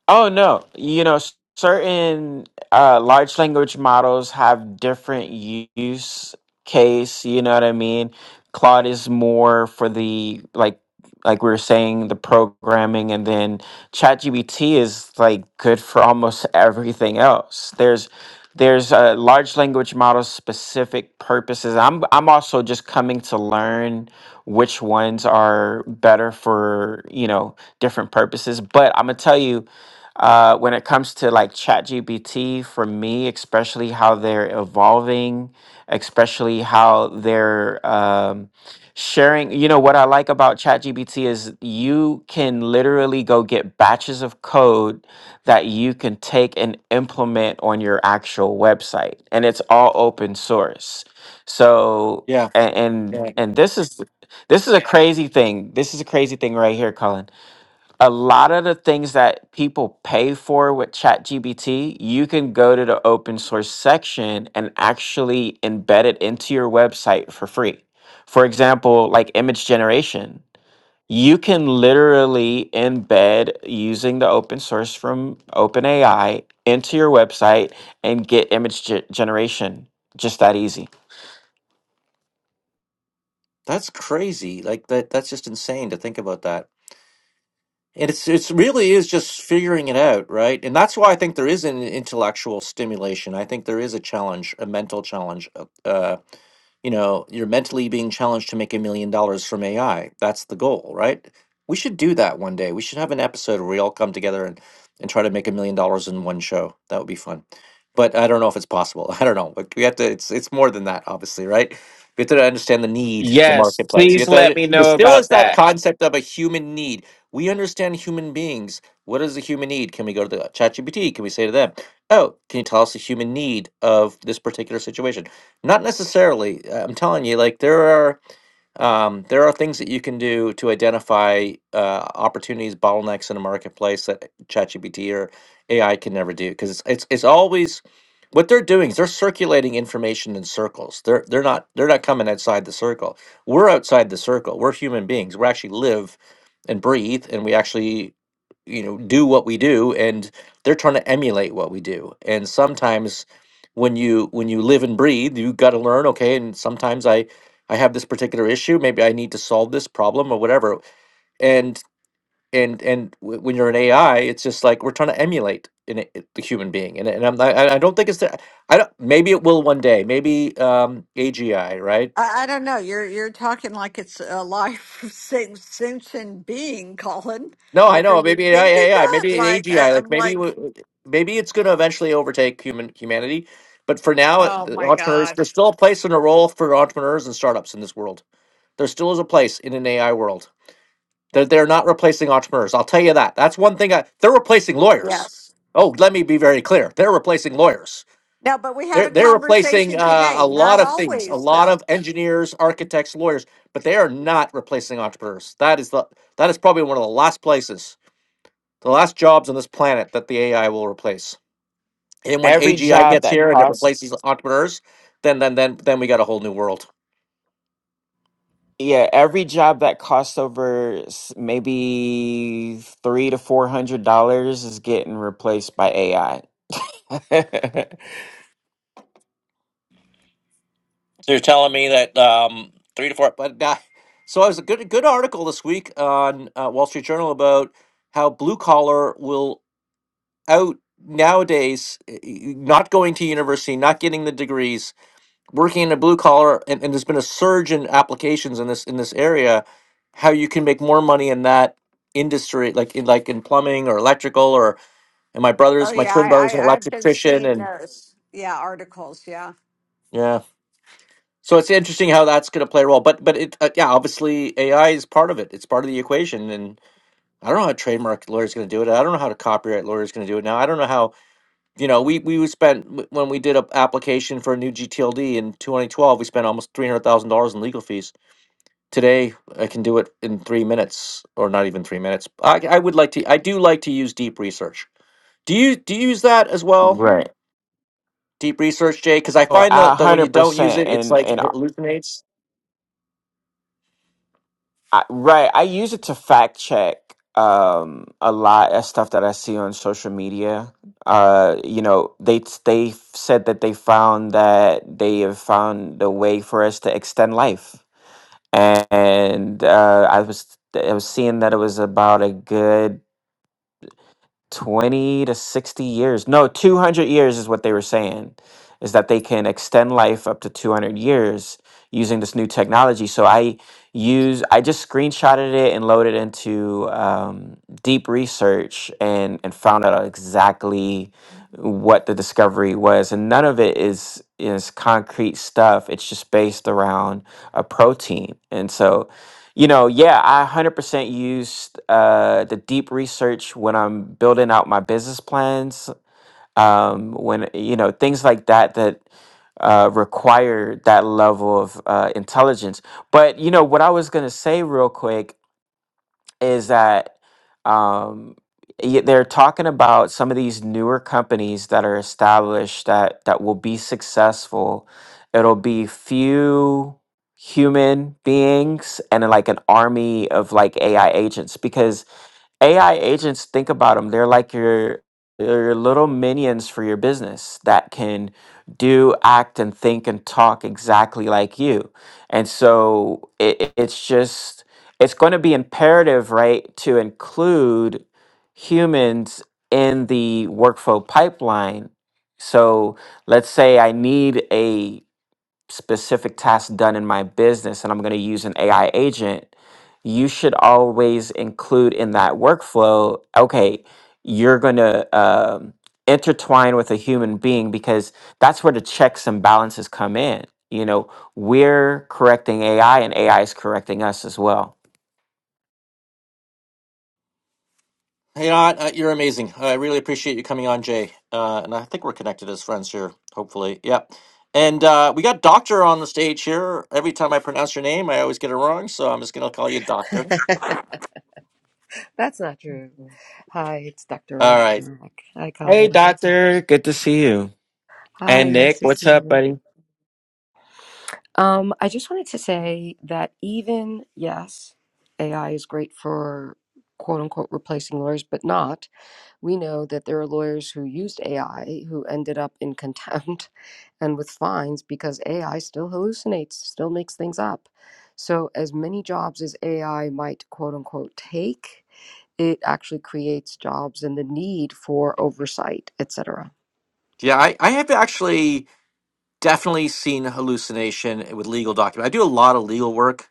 Oh no, you know, s- certain uh, large language models have different use case. You know what I mean? Claude is more for the like like we were saying, the programming, and then ChatGPT is like good for almost [laughs] everything else. There's there's a large language model specific purposes. I'm I'm also just coming to learn which ones are better for you know different purposes. But I'm gonna tell you, uh, when it comes to like ChatGPT, for me, especially how they're evolving, especially how they're um, sharing you know what i like about chatgpt is you can literally go get batches of code that you can take and implement on your actual website and it's all open source so Yeah. a- and Yeah. and this is this is a crazy thing this is a crazy thing right here colin a lot of the things that people pay for with ChatGPT, you can go to the open source section and actually embed it into your website for free. For example, like image generation, you can literally embed using the open source from OpenAI into your website and get image ge- generation just that easy. That's crazy. Like that. That's just insane to think about that. And it's it's really is just figuring it out, right? And that's why I think there is an intellectual stimulation. I think there is a challenge, a mental challenge. Uh, you know you're mentally being challenged to make a million dollars from ai that's the goal right we should do that one day we should have an episode where we all come together and and try to make a million dollars in one show that would be fun but i don't know if it's possible [laughs] i don't know but we have to it's it's more than that obviously right we have to understand the need the Yes, marketplace we please have let to me there know still is about that that. concept of a human need we understand human beings what is the human need can we go to the ChatGPT? can we say to them oh can you tell us the human need of this particular situation not necessarily. uh, I'm telling you, like there are um, there are things that you can do to identify uh, opportunities, bottlenecks in a marketplace that ChatGPT or AI can never do because it's, it's it's always what they're doing is they're circulating information in circles. They're they're not they're not coming outside the circle. We're outside the circle. We're human beings. We actually live and breathe, and we actually you know do what we do, and they're trying to emulate what we do. And sometimes when you when you live and breathe, you got to learn. Okay, and sometimes I I have this particular issue. Maybe I need to solve this problem or whatever. And and and w- when you're an AI, it's just like we're trying to emulate in a, the human being. And and I'm not, I I don't think it's that. I don't. Maybe it will one day. Maybe um AGI, right? I, I don't know. You're you're talking like it's a life [laughs] sen- sentient being, Colin. No, I Like, are know. you Maybe AI, thinking that? maybe an Like, I, AGI. I'm Like maybe like, w- maybe it's going to eventually overtake human humanity. But for now, uh, oh the my entrepreneurs, god, there's still a place and a role for entrepreneurs and startups in this world. There still is a place in an AI world. They're, they're not replacing entrepreneurs. I'll tell you that. That's one thing. I, they're replacing lawyers. yes. Oh, let me be very clear. They're replacing lawyers. No, but we had They're, a they're conversation replacing uh, today. a Not lot of things, a always, lot though. of engineers, architects, lawyers, but they are not replacing entrepreneurs. That is the that is probably one of the last places, the last jobs on this planet that the AI will replace. And when Every AGI job gets that here and it costs replaces entrepreneurs, then then then then we got a whole new world. Yeah, every job that costs over s- maybe three to four hundred dollars is getting replaced by AI. [laughs] So you're telling me that um, three to four, but uh, so I was a good good article this week on uh, Wall Street Journal about how blue collar will out nowadays eh, eh, not going to university, not getting the degrees, working in a blue collar, and, and there's been a surge in applications in this in this area. How you can make more money in that industry, like in like in plumbing or electrical, or and my Oh brothers, my yeah, twin I, brothers, an I I've been electrician, seeing and those. Yeah, articles. Yeah. yeah. So it's interesting how that's going to play a role, but but it uh, yeah, obviously AI is part of it. It's part of the equation, and I don't know how a trademark lawyer is going to do it. I don't know how a copyright lawyer is going to do it. Now I don't know how you know we we spent w- when we did an application for a new GTLD in 2012, we spent almost three hundred thousand dollars in legal fees. Today I can do it in three minutes, or not even three minutes. I I would like to I do like to use deep research. Do you do you use that as well? Right. Deep research, Jay, because I Or find a that that when hundred you don't use percent, it, it's and like and it hallucinates. I, right, I use it to fact check um a lot of stuff that I see on social media. Uh, you know, they they said that they found that they have found a way for us to extend life. and uh, I was I was seeing that it was about a good twenty to sixty years. No, two hundred years is what they were saying, is that they can extend life up to two hundred years using this new technology. So I use I just screenshotted it and loaded into um, deep research and and found out exactly what the discovery was and none of it is is concrete stuff it's just based around a protein and so you know, yeah, I 100% use uh, the deep research when I'm building out my business plans. Um, when, you know, things like that that uh, require that level of uh, intelligence. But, you know, what I was going to say real quick is that um, y- they're talking about some of these newer companies that are established that that will be successful. It'll be few human beings and then, like an army of like AI agents because AI agents, think about them. They're like your your little minions for your business that can do, act, and think and talk exactly like you. And so it, it- it's just it's going to be imperative, right, to include humans in the workflow pipeline. So let's say I need specific task done in my business and I'm going to use an AI agent, you should always include in that workflow, okay, you're going to um, intertwine with a human being because that's where the checks and balances come in. You know, we're correcting AI and AI is correcting us as well. Hey, Aunt, uh, you're amazing. I really appreciate you coming on, Jay. Uh, and I think we're connected as friends here, hopefully. Yep. And uh, we got Doctor on the stage here. Every time I pronounce your name, I always get it wrong, so I'm just gonna call you Doctor. That's not true. Hi, it's Dr. All right. Roshma. Hi, Hey, Colin. doctor. Good to see you. Hi, And Nick, nice to see what's up, you. buddy? Um, I just wanted to say that even, yes, AI is great for quote unquote replacing lawyers, but not. We know that there are lawyers who used AI who ended up in contempt [laughs] and with fines because AI still hallucinates, still makes things up. So, as many jobs as AI might quote unquote take, it actually creates jobs and the need for oversight, et cetera. Yeah, I, I have actually. Definitely seen hallucination with legal documents. I do a lot of legal work.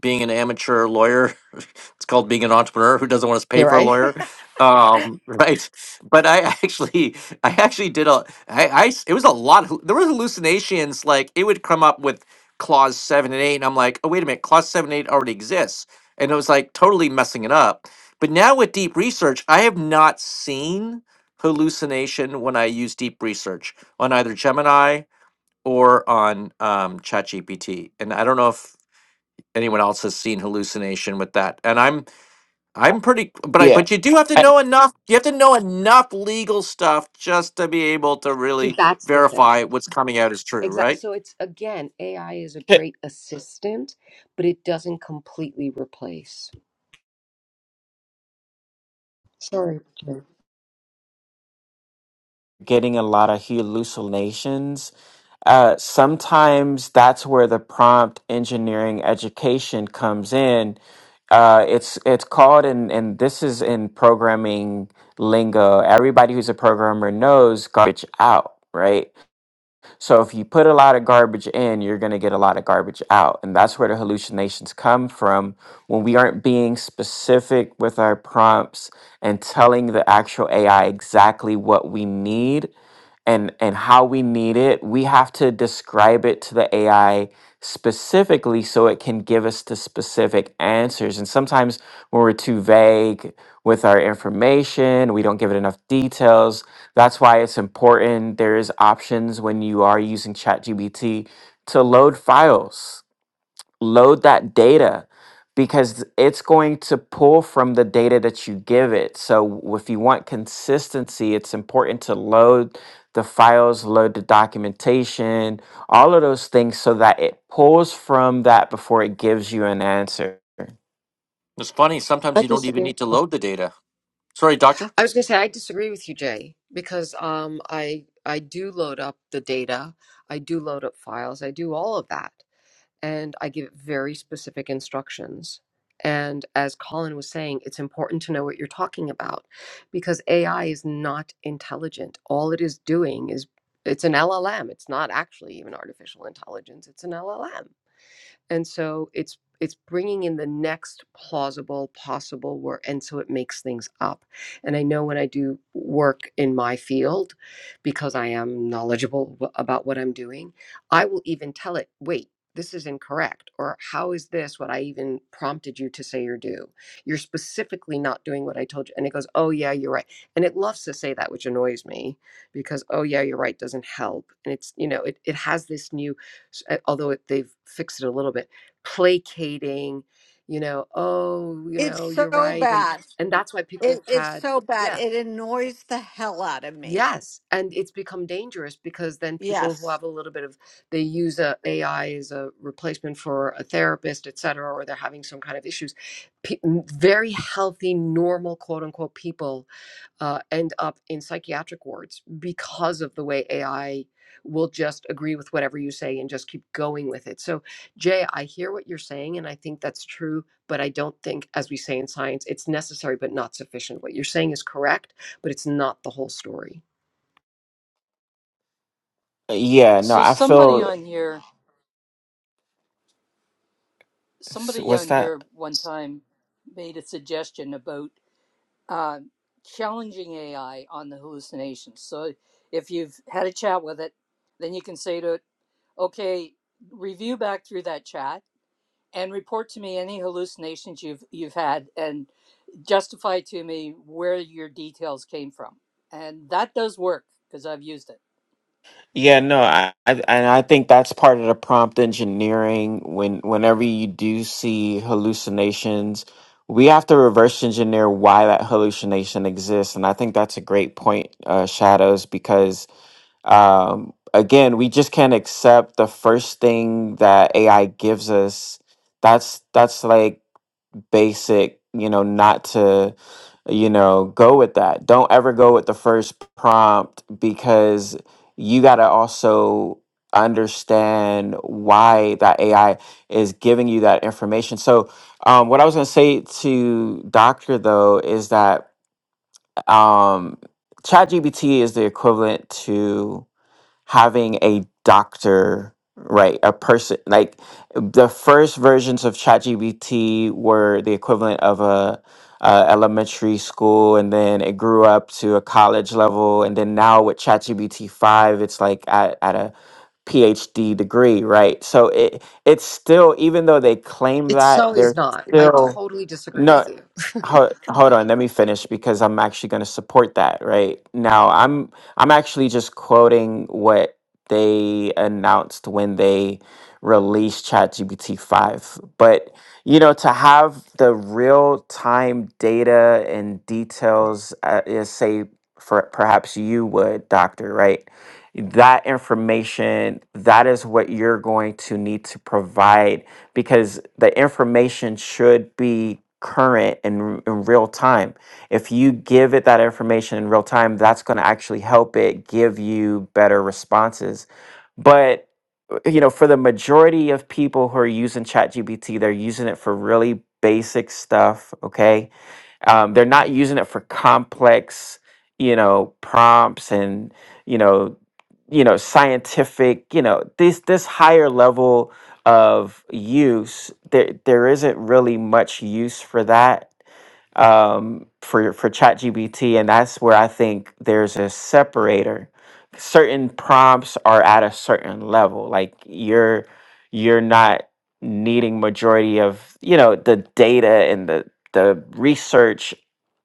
Being an amateur lawyer, [laughs] it's called being an entrepreneur who doesn't want to pay You're for a right. [laughs] lawyer, um, [laughs] right? But I actually, I actually did a, I, I s- it was a lot. of- There was hallucinations like it would come up with clause seven and eight, and I'm like, oh wait a minute, clause seven and eight already exists, and it was like totally messing it up. But now with deep research, I have not seen hallucination when I use deep research on either Gemini or on um, ChatGPT. And I don't know if anyone else has seen hallucination with that. And I'm I'm pretty, but I Yeah. but you do have to I- know enough. You have to know enough legal stuff just to be able to See, really that's the thing. verify what's coming out is true, Exactly. right? So it's again, AI is a [laughs] great assistant, but it doesn't completely replace. Sorry, Jay. getting a lot of hallucinations. Uh, sometimes that's where the prompt engineering education comes in. Uh, it's it's called and and this is in programming lingo. Everybody who's a programmer knows garbage out, right? So if you put a lot of garbage in, you're going to get a lot of garbage out. And that's where the hallucinations come from when we aren't being specific with our prompts and telling the actual AI exactly what we need and and how we need it. We have to describe it to the AI specifically so it can give us the specific answers. And sometimes when we're too vague with our information. We don't give it enough details. That's why it's important. There is options when you are using ChatGPT to load files, load that data because it's going to pull from the data that you give it. So if you want consistency, it's important to load the files, load the documentation, all of those things so that it pulls from that before it gives you an answer. It's funny. Sometimes I you don't even disagree. need to Oh, load the data. Sorry, doctor. I was gonna say I disagree with you, Jay, because um, I I do load up the data, I do load up files, I do all of that. and I give it very specific instructions. And as Colin was saying, it's important to know what you're talking about because AI is not intelligent. All it is doing is it's an LLM. It's not actually even artificial intelligence, it's an LLM and so it's it's bringing in the next plausible possible work and so it makes things up and i know when i do work in my field because i am knowledgeable w- about what i'm doing i will even tell it wait this is incorrect or how is this what i even prompted you to say or do you're specifically not doing what i told you and it goes oh yeah you're right and it loves to say that which annoys me because oh yeah you're right doesn't help and it's you know it, it has this new s- uh, although it- they've fixed it a little bit placating you know oh you It's know you're so right and bad. and that's why people It, have it's had so bad. yeah It annoys the hell out of me. yes and it's become dangerous because then people who Yes. have a little bit of they use a ai as a replacement for a therapist et cetera or they're having some kind of issues Pe- n- very healthy normal quote unquote people uh, end up in psychiatric wards because of the way AI will just agree with whatever you say and just keep going with it. So, Jay, I hear what you're saying, and I think that's true, but I don't think, as we say in science, it's necessary but not sufficient. What you're saying is correct, but it's not the whole story. Yeah, no, So I somebody feel on here, s- somebody what's on that? here one time made a suggestion about uh, challenging AI on the hallucinations. So if you've had a chat with it, then you can say to it, okay, review back through that chat and report to me any hallucinations you've you've had and justify to me where your details came from. And that does work because I've used it. Yeah, no, I, I and I think that's part of the prompt engineering. When whenever you do see hallucinations, we have to reverse engineer why that hallucination exists. And I think that's a great point, uh, Shadows, because um, again, we just can't accept the first thing that AI gives us. That's that's like basic, you know, not to, you know, go with that. Don't ever go with the first prompt because you got to also understand why that AI is giving you that information. So, um, what I was going to say to Doctor, though, is that um, ChatGPT is the equivalent to having a doctor right a person like the first versions of ChatGPT were the equivalent of a, a elementary school and then it grew up to a college level and then now with ChatGPT 5 it's like at, at a PhD degree right so it it's still even though they claim It that so is they're not. I still totally disagree no, with you. [laughs] hold, hold on. Let me finish because I'm actually going to support that right now. I'm I'm actually just quoting what they announced when they released ChatGPT five. But you know, to have the real time data and details, uh, is, say for perhaps you would, doctor, right? That information, that is what you're going to need to provide because the information should be current and in real time. If you give it that information in real time, that's going to actually help it give you better responses. But you know, for the majority of people who are using ChatGPT, they're using it for really basic stuff. Okay, um, they're not using it for complex, you know, prompts and you know, you know, scientific, you know, this this higher level of use, there there isn't really much use for that um, for for ChatGPT, and that's where I think there's a separator. Certain prompts are at a certain level, like you're you're not needing majority of you know the data and the the research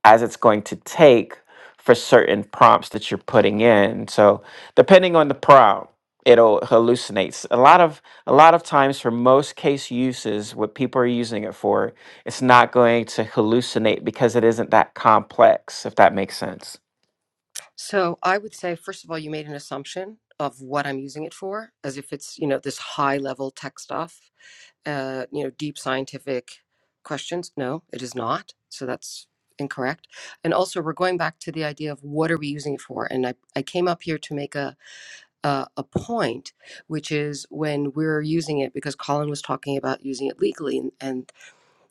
as it's going to take for certain prompts that you're putting in. So depending on the prompt, it'll hallucinates. A lot of a lot of times for most case uses, what people are using it for it's not going to hallucinate because it isn't that complex, if that makes sense. So I would say, first of all, you made an assumption of what I'm using it for, as if it's, you know, this high level tech stuff. uh, you know, deep scientific questions. No, it is not. So that's incorrect. And also, we're going back to the idea of what are we using it for? And I, I came up here to make a, a a point, which is when we're using it, because Colin was talking about using it legally, and, and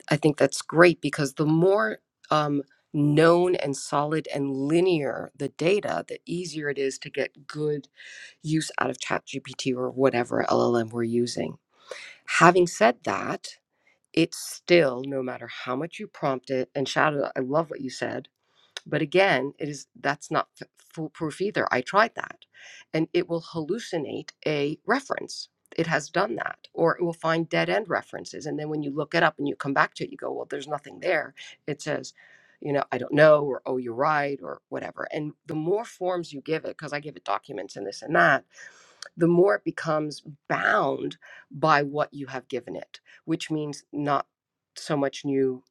I think that's great because the more um, known and solid and linear the data, the easier it is to get good use out of ChatGPT or whatever LLM we're using. Having said that, it's still no matter how much you prompt it and shadow i love what you said but again it is that's not f- foolproof either i tried that and it will hallucinate a reference it has done that or it will find dead end references and then when you look it up and you come back to it you go well there's nothing there it says you know i don't know or oh you're right or whatever and the more forms you give it because i give it documents and this and that the more it becomes bound by what you have given it, which means not so much new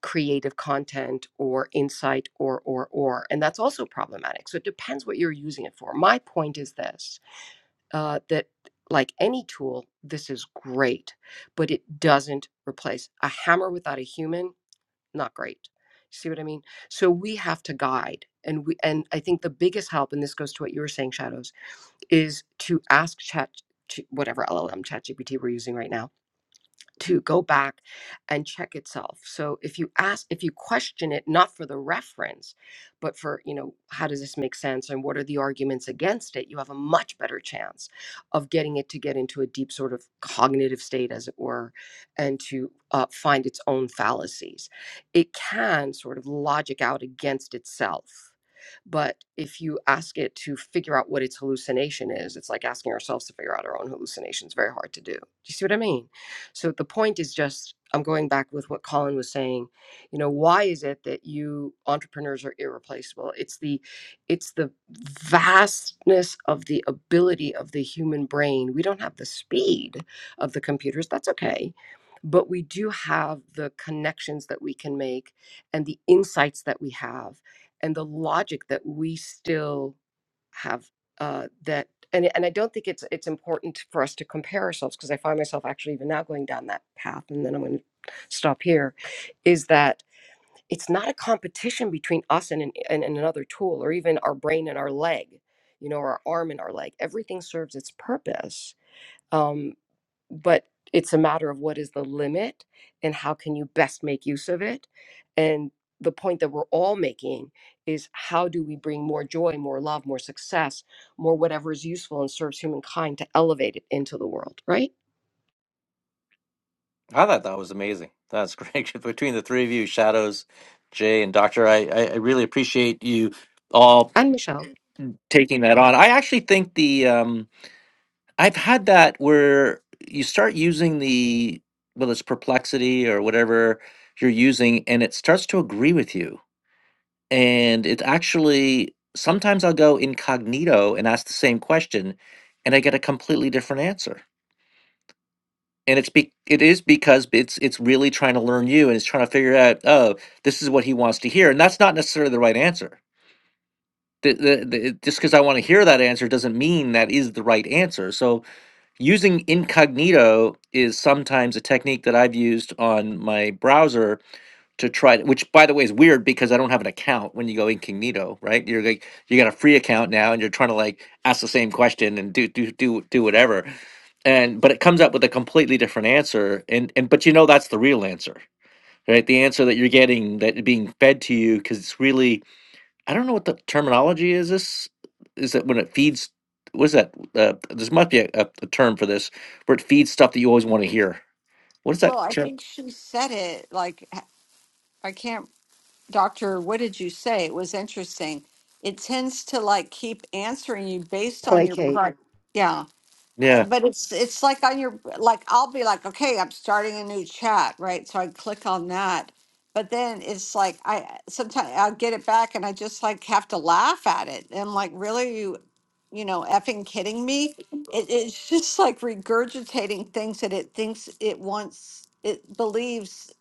creative content or insight or or or and that's also problematic so it depends what you're using it for my point is this uh, that like any tool this is great but it doesn't replace a hammer without a human not great see what i mean so we have to guide and we and i think the biggest help and this goes to what you were saying shadows is to ask chat to whatever LLM ChatGPT we're using right now to go back and check itself. So if you ask, if you question it, not for the reference, but for, you know, how does this make sense and what are the arguments against it, you have a much better chance of getting it to get into a deep sort of cognitive state, as it were, and to uh, find its own fallacies. It can sort of logic out against itself. But if you ask it to figure out what its hallucination is, it's like asking ourselves to figure out our own hallucinations. Very hard to do. Do you see what I mean? So the point is just, I'm going back with what Colin was saying. You know, why is it that you entrepreneurs are irreplaceable? It's the it's the vastness of the ability of the human brain. We don't have the speed of the computers. That's okay. But we do have the connections that we can make and the insights that we have and the logic that we still have uh, that and and I don't think it's it's important for us to compare ourselves because I find myself actually even now going down that path, and then I'm going to stop here. Is that it's not a competition between us and, an, and and another tool, or even our brain and our leg, you know, or our arm and our leg. Everything serves its purpose, um, but it's a matter of what is the limit and how can you best make use of it and the point that we're all making is how do we bring more joy more love more success more whatever is useful and serves humankind to elevate it into the world right I thought that was amazing. That's great. [laughs] Between the three of you, Shadows, Jay, and Doctor, I, I, I really appreciate you all and michelle taking that on. I actually think the um, I've had that where you start using the well, it's perplexity or whatever you're using, and it starts to agree with you. And it actually sometimes I'll go incognito and ask the same question, and I get a completely different answer. And it's be it is because it's it's really trying to learn you and it's trying to figure out, oh, this is what he wants to hear. And that's not necessarily the right answer. The, the, the, just because I want to hear that answer doesn't mean that is the right answer. So using incognito is sometimes a technique that I've used on my browser to try which by the way is weird because I don't have an account when you go incognito, right? You're like you got a free account now and you're trying to like ask the same question and do do do do whatever. And but it comes up with a completely different answer and and but you know that's the real answer. Right? The answer that you're getting that being fed to you cuz it's really I don't know what the terminology is. This is that when it feeds. What is that? Uh, this must be a, a, a term for this, where it feeds stuff that you always want to hear. What is Well, that I term? think she said it like, I can't, Doctor, what did you say? It was interesting. It tends to like keep answering you based on your, Placate. pri- yeah. I- Yeah. but it's it's like on your like I'll be like, okay, I'm starting a new chat, right? So I click on that. But then it's like I sometimes I'll get it back and I just like have to laugh at it. And I'm like, really you you know, effing kidding me? It, it's just like regurgitating things that it thinks it wants it believes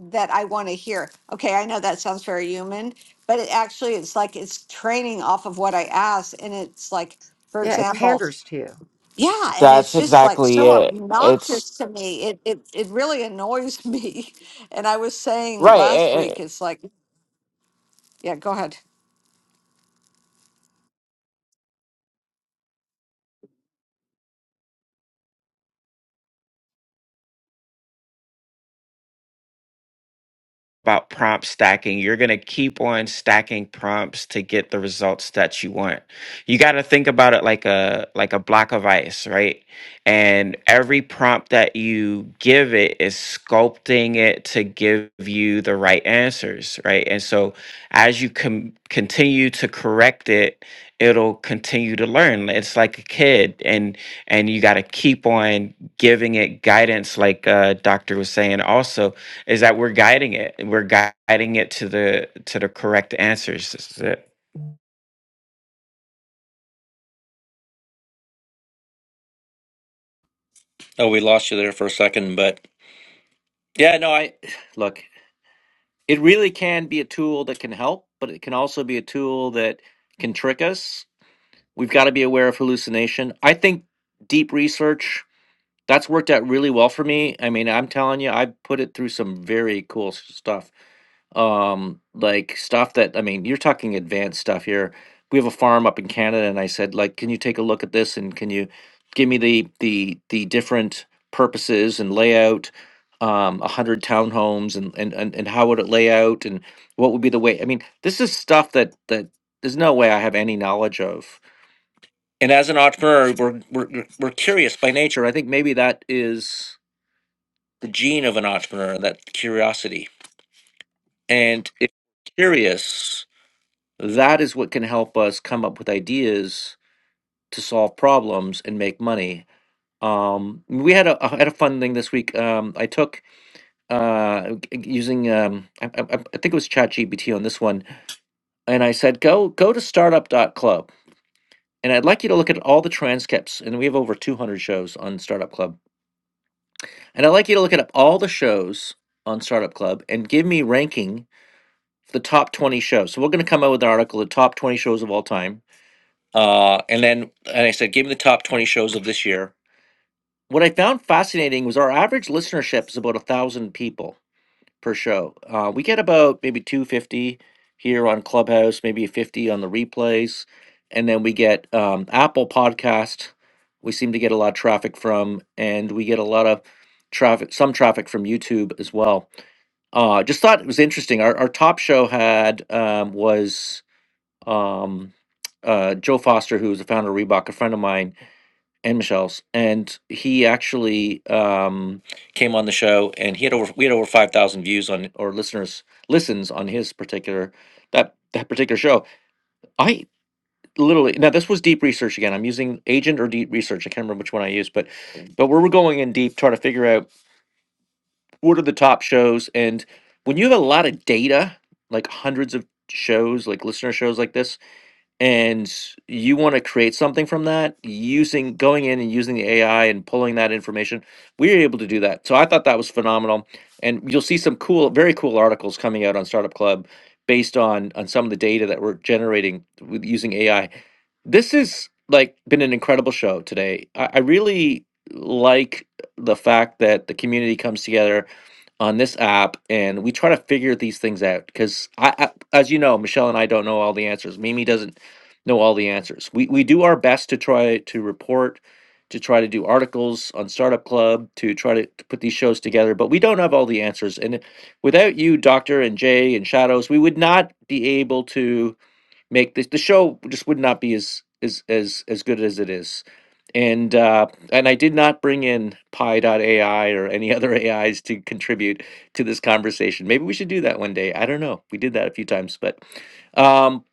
that I want to hear. Okay, I know that sounds very human, but it actually it's like it's training off of what I ask and it's like for Yeah, it example, panders to you. yeah, and That's it's just like exactly so it. It's obnoxious to me. It it it really annoys me. [laughs] And I was saying right. last a- a- And, week, it's like, yeah, go ahead. about prompt stacking. You're going to keep on stacking prompts to get the results that you want. You got to think about it like a like a block of ice, right? And every prompt that you give it is sculpting it to give you the right answers, right? And so as you com- continue to correct it, it'll continue to learn. It's like a kid and and you got to keep on giving it guidance like uh, Doctor was saying also is that we're guiding it and we're guiding it to the to the correct answers this is it Oh, we lost you there for a second, but yeah, no, I [sighs] look. It really can be a tool that can help, but it can also be a tool that can trick us. We've got to be aware of hallucination. I think deep research that's worked out really well for me. I mean, I'm telling you, I put it through some very cool s- stuff um like stuff that i mean you're talking advanced stuff here we have a farm up in canada and i said like can you take a look at this and can you give me the the the different purposes and layout um 100 townhomes and, and and and how would it lay out and what would be the way i mean this is stuff that that there's no way i have any knowledge of and as an entrepreneur we're we're, we're we're curious by nature i think maybe that is the gene of an entrepreneur that curiosity and if you're curious that is what can help us come up with ideas to solve problems and make money. Um, we had a I had a fun thing this week. Um, I took uh, g- g- using um, I, I, I think it was ChatGPT on this one, and I said go go to startup.club. And I'd like you to look at all the transcripts, and we have over 200 shows on Startup Club. And I'd like you to look at all the shows on Startup Club and give me ranking the top 20 shows. So we're going to come out with an article, the top 20 shows of all time Uh, and then and I said, give me the top 20 shows of this year. What I found fascinating was our average listenership is about a thousand people per show. Uh, we get about maybe 250 here on Clubhouse, maybe 50 on the replays. And then we get um, Apple Podcast, we seem to get a lot of traffic from, and we get a lot of traffic, some traffic from YouTube as well. Uh, just thought it was interesting. Our, our top show had um, was um, uh, Joe Foster, who's the founder of Reebok, a friend of mine, and Michelle's, and he actually um, came on the show, and he had over we had over five thousand views on or listeners listens on his particular that that particular show. I literally now this was deep research again. I'm using agent or deep research. I can't remember which one I used, but but we were going in deep trying to figure out what are the top shows, and when you have a lot of data, like hundreds of shows, like listener shows like this and you want to create something from that using going in and using the AI and pulling that information, we were able to do that. So I thought that was phenomenal. And you'll see some cool, very cool articles coming out on Startup Club based on on some of the data that we're generating with using AI. This is like been an incredible show today. I, I really like the fact that the community comes together on this app and we try to figure these things out because I, I as you know michelle and i don't know all the answers mimi doesn't know all the answers we, we do our best to try to report to try to do articles on startup club to try to, to put these shows together but we don't have all the answers and without you doctor and jay and shadows we would not be able to make the the show just would not be as as as as good as it is. And uh, and I did not bring in Pi AI or any [laughs] other AIs to contribute to this conversation. Maybe we should do that one day. I don't know. We did that a few times, but um,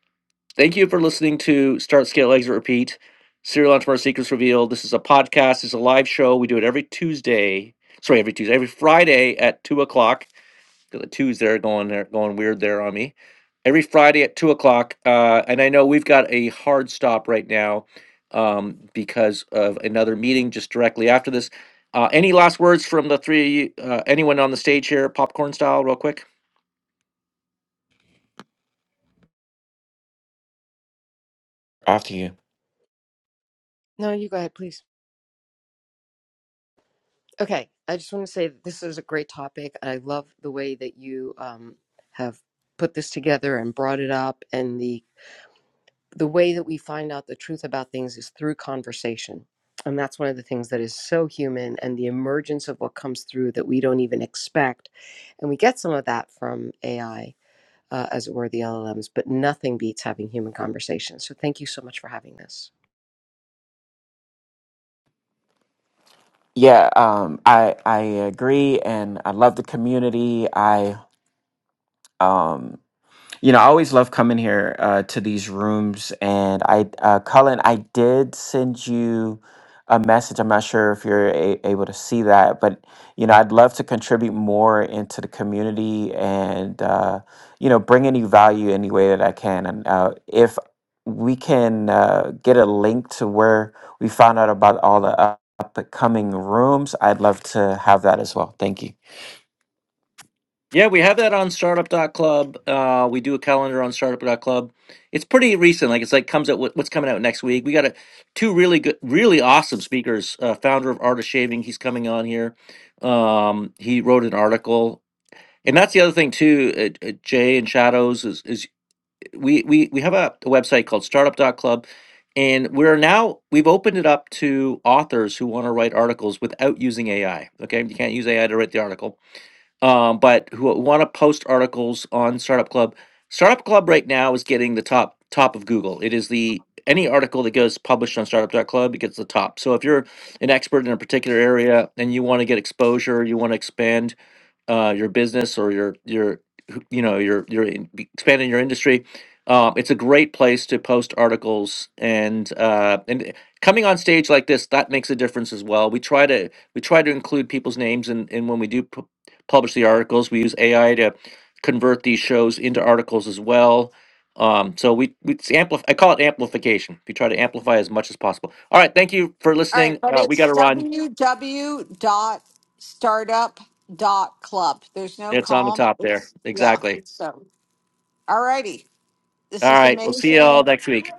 thank you for listening to Start Scale Exit Repeat Serial Entrepreneur Secrets Revealed. This is a podcast. It's a live show. We do it every Tuesday. Sorry, every Tuesday, every Friday at two o'clock got the twos there going there going weird there on me. Every Friday at two o'clock, uh, and I know we've got a hard stop right now um, because of another meeting just directly after this. Uh, any last words from the three? Uh, anyone on the stage here, popcorn style, real quick? off to you no you go ahead please Okay, I just want to say that this is a great topic. I love the way that you um, have put this together and brought it up, and the the way that we find out the truth about things is through conversation. And that's one of the things that is so human and the emergence of what comes through that we don't even expect. And we get some of that from AI, uh, as it were, the LLMs, but nothing beats having human conversations. So thank you so much for having this. Yeah, um, I I agree, and I love the community. I um, you know, I always love coming here uh, to these rooms. And I, uh, Cullen, I did send you a message. I'm not sure if you're a- able to see that, but you know, I'd love to contribute more into the community and uh, you know, bring any value any way that I can. And uh, if we can uh, get a link to where we found out about all the up and coming rooms, I'd love to have that as well. Thank you. Yeah, we have that on startup.club. Uh, we do a calendar on Startup dot Club. It's pretty recent. Like it's like comes out what- what's coming out next week. We got a, two really good, really awesome speakers. Uh, founder of Art of Shaving, he's coming on here. Um, he wrote an article And that's the other thing too, uh, uh, Jay and Shadows is is we we we have a, a website called Startup dot Club, and we're now we've opened it up to authors who want to write articles without using AI. Okay, you can't use AI to write the article. Um, but who want to post articles on Startup Club. Startup Club right now is getting the top top of Google. It is the any article that goes published on startup.club it gets the top. So if you're an expert in a particular area and you want to get exposure, you want to expand uh, your business or your your who- you know your your in- be- expanding your industry. Uh, it's a great place to post articles and uh, and coming on stage like this that makes a difference as well. We try to we try to include people's names and and when we do pu- publish the articles, we use AI to convert these shows into articles as well. Um, so we we it's amplif- I call it amplification. We try to amplify as much as possible. All right, thank you for All right, listening. but Uh, we it's got to run. www dot dot startup dot club. There's no It's on the calm. top there. It's yeah. Exactly. So, all righty. This All is right. We'll see you amazing. all next week.